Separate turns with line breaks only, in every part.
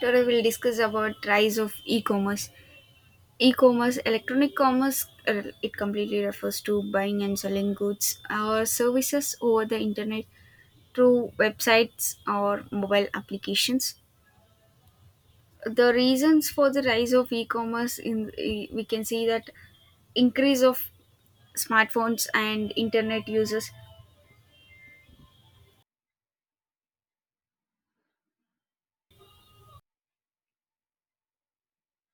Today we'll discuss about rise of e-commerce. E-commerce, electronic commerce, it completely refers to buying and selling goods or services over the internet through websites or mobile applications. The reasons for the rise of e-commerce we can see that increase of smartphones and internet users.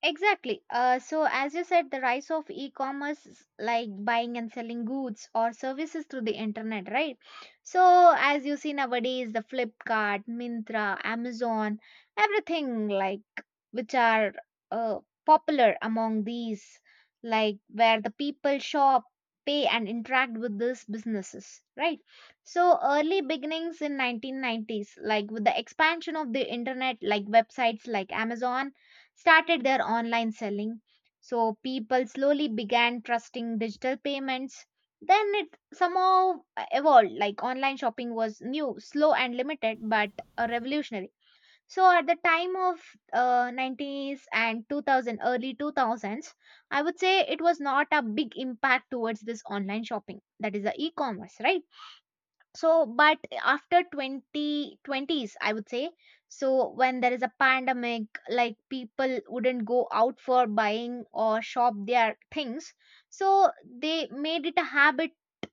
Exactly. As you said, the rise of e commerce is like buying and selling goods or services through the internet, right? So, as you see nowadays, the Flipkart, Mintra, Amazon, everything like which are uh, popular among these, like where the people shop, pay, and interact with these businesses, right? So, early beginnings in 1990s, like with the expansion of the internet, like websites like Amazon started their online selling. So people slowly began trusting digital payments. Then it somehow evolved like online shopping was new, slow and limited, but revolutionary. So at the time of 90s and 2000, early 2000s, I would say it was not a big impact towards this online shopping, that is the e-commerce, right? So but after 2020s, I would say, so when there is a pandemic, like people wouldn't go out for buying or shop their things, so they made it a habit,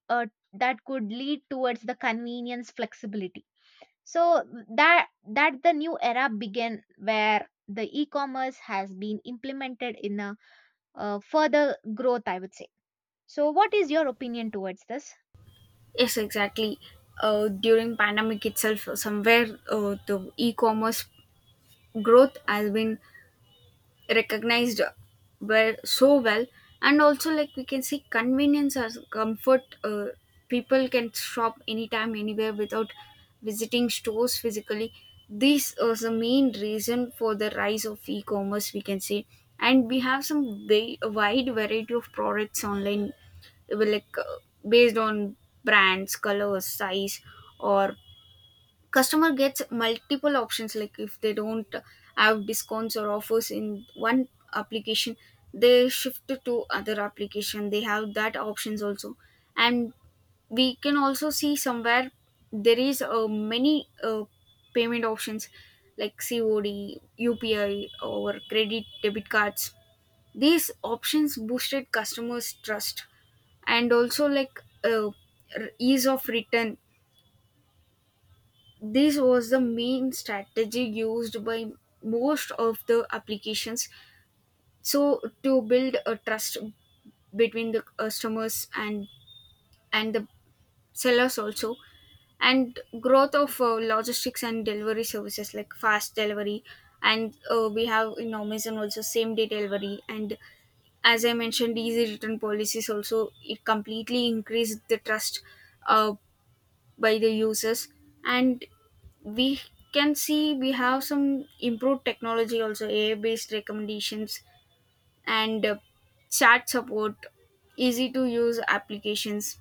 uh, that could lead towards the convenience flexibility. So that the new era began where the e-commerce has been implemented in a further growth, I would say. So what is your opinion towards this?
Yes, exactly. During pandemic itself, somewhere the e-commerce growth has been recognized well, so well, and also like we can see convenience as comfort. People can shop anytime anywhere without visiting stores physically. This is the main reason for the rise of e-commerce, we can say, and we have some very wide variety of products online, uh, like uh, based on brands, colors, size. Or customer gets multiple options, like if they don't have discounts or offers in one application, they shift to other application, they have that options also. And we can also see somewhere there is many payment options like COD, UPI, or credit debit cards. These options boosted customers trust, and also like ease of return. This was the main strategy used by most of the applications. So, to build a trust between the customers and the sellers also, and growth of logistics and delivery services like fast delivery, and we have in Amazon also same day delivery, and as I mentioned, easy return policies, also it completely increased the trust Uh, by the users. And we can see we have some improved technology also, AI based recommendations, and chat support, easy to use applications,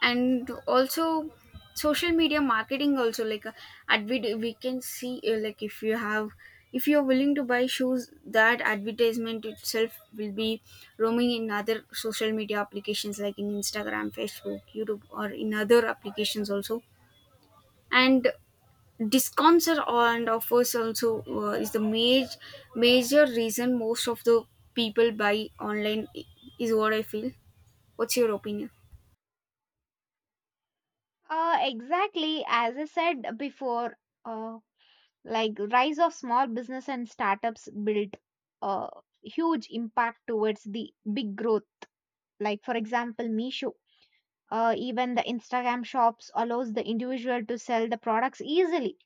and also social media marketing also, like, we can see like if you have, if you're willing to buy shoes, that advertisement itself will be roaming in other social media applications like in Instagram, Facebook, YouTube, or in other applications also. And discounts are, and offers also, is the major, major reason most of the people buy online, is what I feel. What's your opinion?
Exactly, as I said before, uh, like rise of small business and startups built a huge impact towards the big growth. Like for example, Meesho. Even the Instagram shops allows the individual to sell the products easily.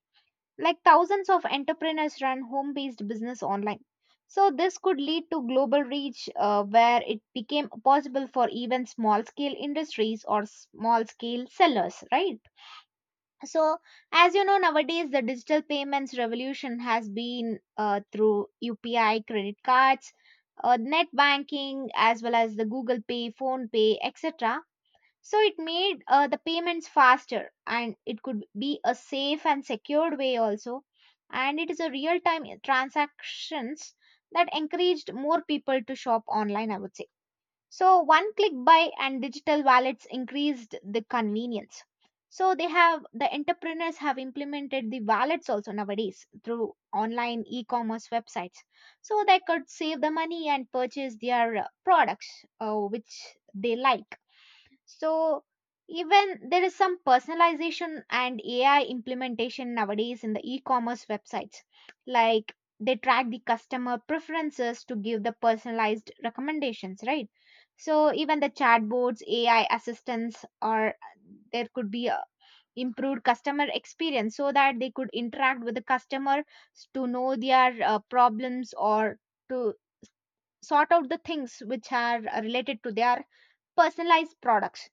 Like thousands of entrepreneurs run home-based business online. So this could lead to global reach, where it became possible for even small-scale industries or small-scale sellers, right? So as you know, nowadays the digital payments revolution has been through upi credit cards, net banking as well as the google pay phone pay etc. So it made the payments faster, and it could be a safe and secured way also, and it is a real time transactions that encouraged more people to shop online, I would say. So one click buy and digital wallets increased the convenience. So they have the entrepreneurs have implemented the wallets also nowadays through online e-commerce websites. So they could save the money and purchase their products which they like. So even there is some personalization and AI implementation nowadays in the e-commerce websites. Like they track the customer preferences to give the personalized recommendations, right? So even the chatbots, AI assistants, or there could be a improved customer experience, so that they could interact with the customer to know their problems or to sort out the things which are related to their personalized products.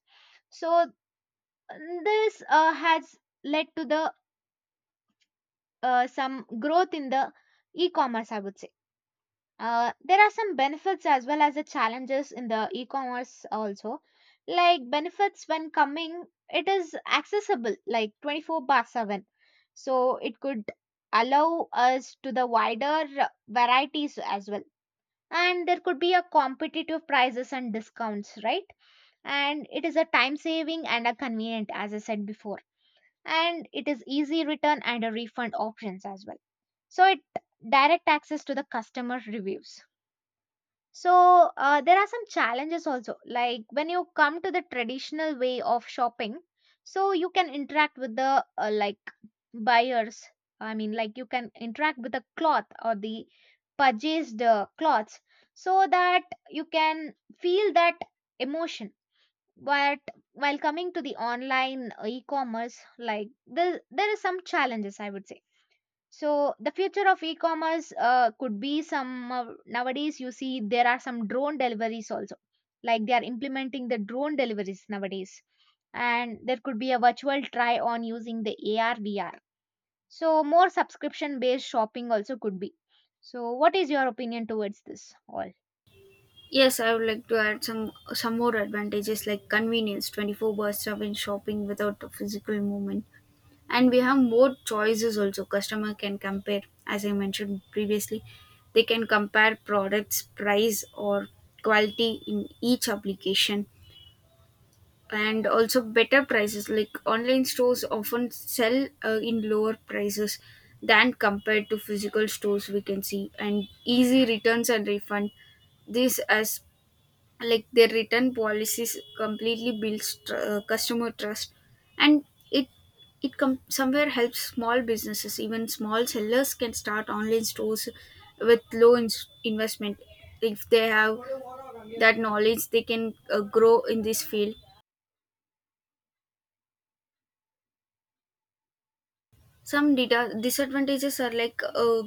So this has led to the some growth in the e-commerce, I would say. There are some benefits as well as the challenges in the e-commerce also. Like benefits when coming, it is accessible like 24 bar 7. So it could allow us to the wider varieties as well. And there could be a competitive prices and discounts, right? And it is a time saving and a convenient, as I said before, and it is easy return and a refund options as well. So it direct access to the customer reviews. So there are some challenges also, like when you come to the traditional way of shopping, so you can interact with the buyers, I mean like you can interact with the cloth or the purchased cloths, so that you can feel that emotion. But while coming to the online e-commerce, like there is some challenges, I would say. So the future of e-commerce could be nowadays you see there are some drone deliveries also, like they are implementing the drone deliveries nowadays, and there could be a virtual try on using the ar vr. So more subscription based shopping also could be. So what is your opinion towards this all?
Yes, I would like to add some more advantages like convenience, 24/7 shopping without a physical movement, and we have more choices also. Customer can compare, as I mentioned previously, they can compare products, price, or quality in each application. And also, better prices, like online stores often sell in lower prices than compared to physical stores, we can see. And easy returns and refund, this as, like, their return policies completely builds customer trust. And it somewhere helps small businesses, even small sellers can start online stores with low ins investment. If they have that knowledge, they can grow in this field. Some data disadvantages are like,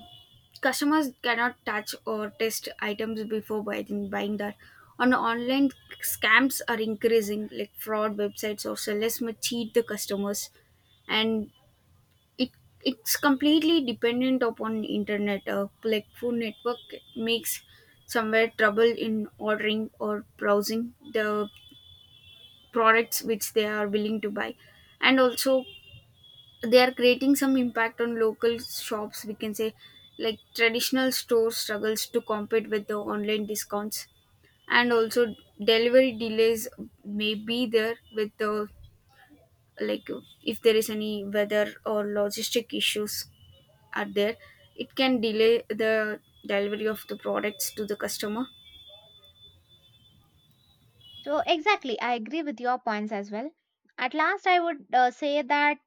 customers cannot touch or test items before buying that on online. Scams are increasing, like fraud websites or sellers may cheat the customers. And it it's completely dependent upon internet, like phone network, makes somewhere trouble in ordering or browsing the products which they are willing to buy. And also, they are creating some impact on local shops, we can say. Like traditional store struggles to compete with the online discounts. And also delivery delays may be there with the, like, if there is any weather or logistic issues are there, it can delay the delivery of the products to the customer.
So, exactly, I agree with your points as well. At last, I would say that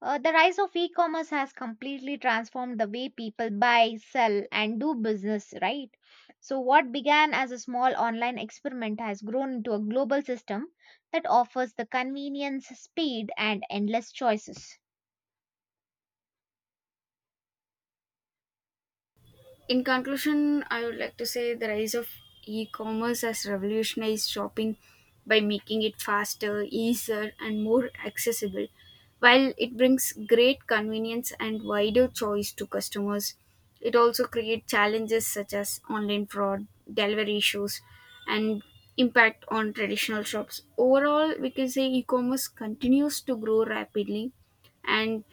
the rise of e commerce has completely transformed the way people buy, sell, and do business, right? So, what began as a small online experiment has grown into a global system that offers the convenience, speed, and endless choices.
In conclusion, I would like to say the rise of e commerce has revolutionized shopping by making it faster, easier, and more accessible. While it brings great convenience and wider choice to customers, it also creates challenges such as online fraud, delivery issues, and impact on traditional shops. Overall, we can say e commerce continues to grow rapidly and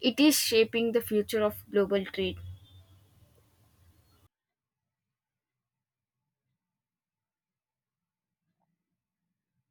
it is shaping the future of global trade.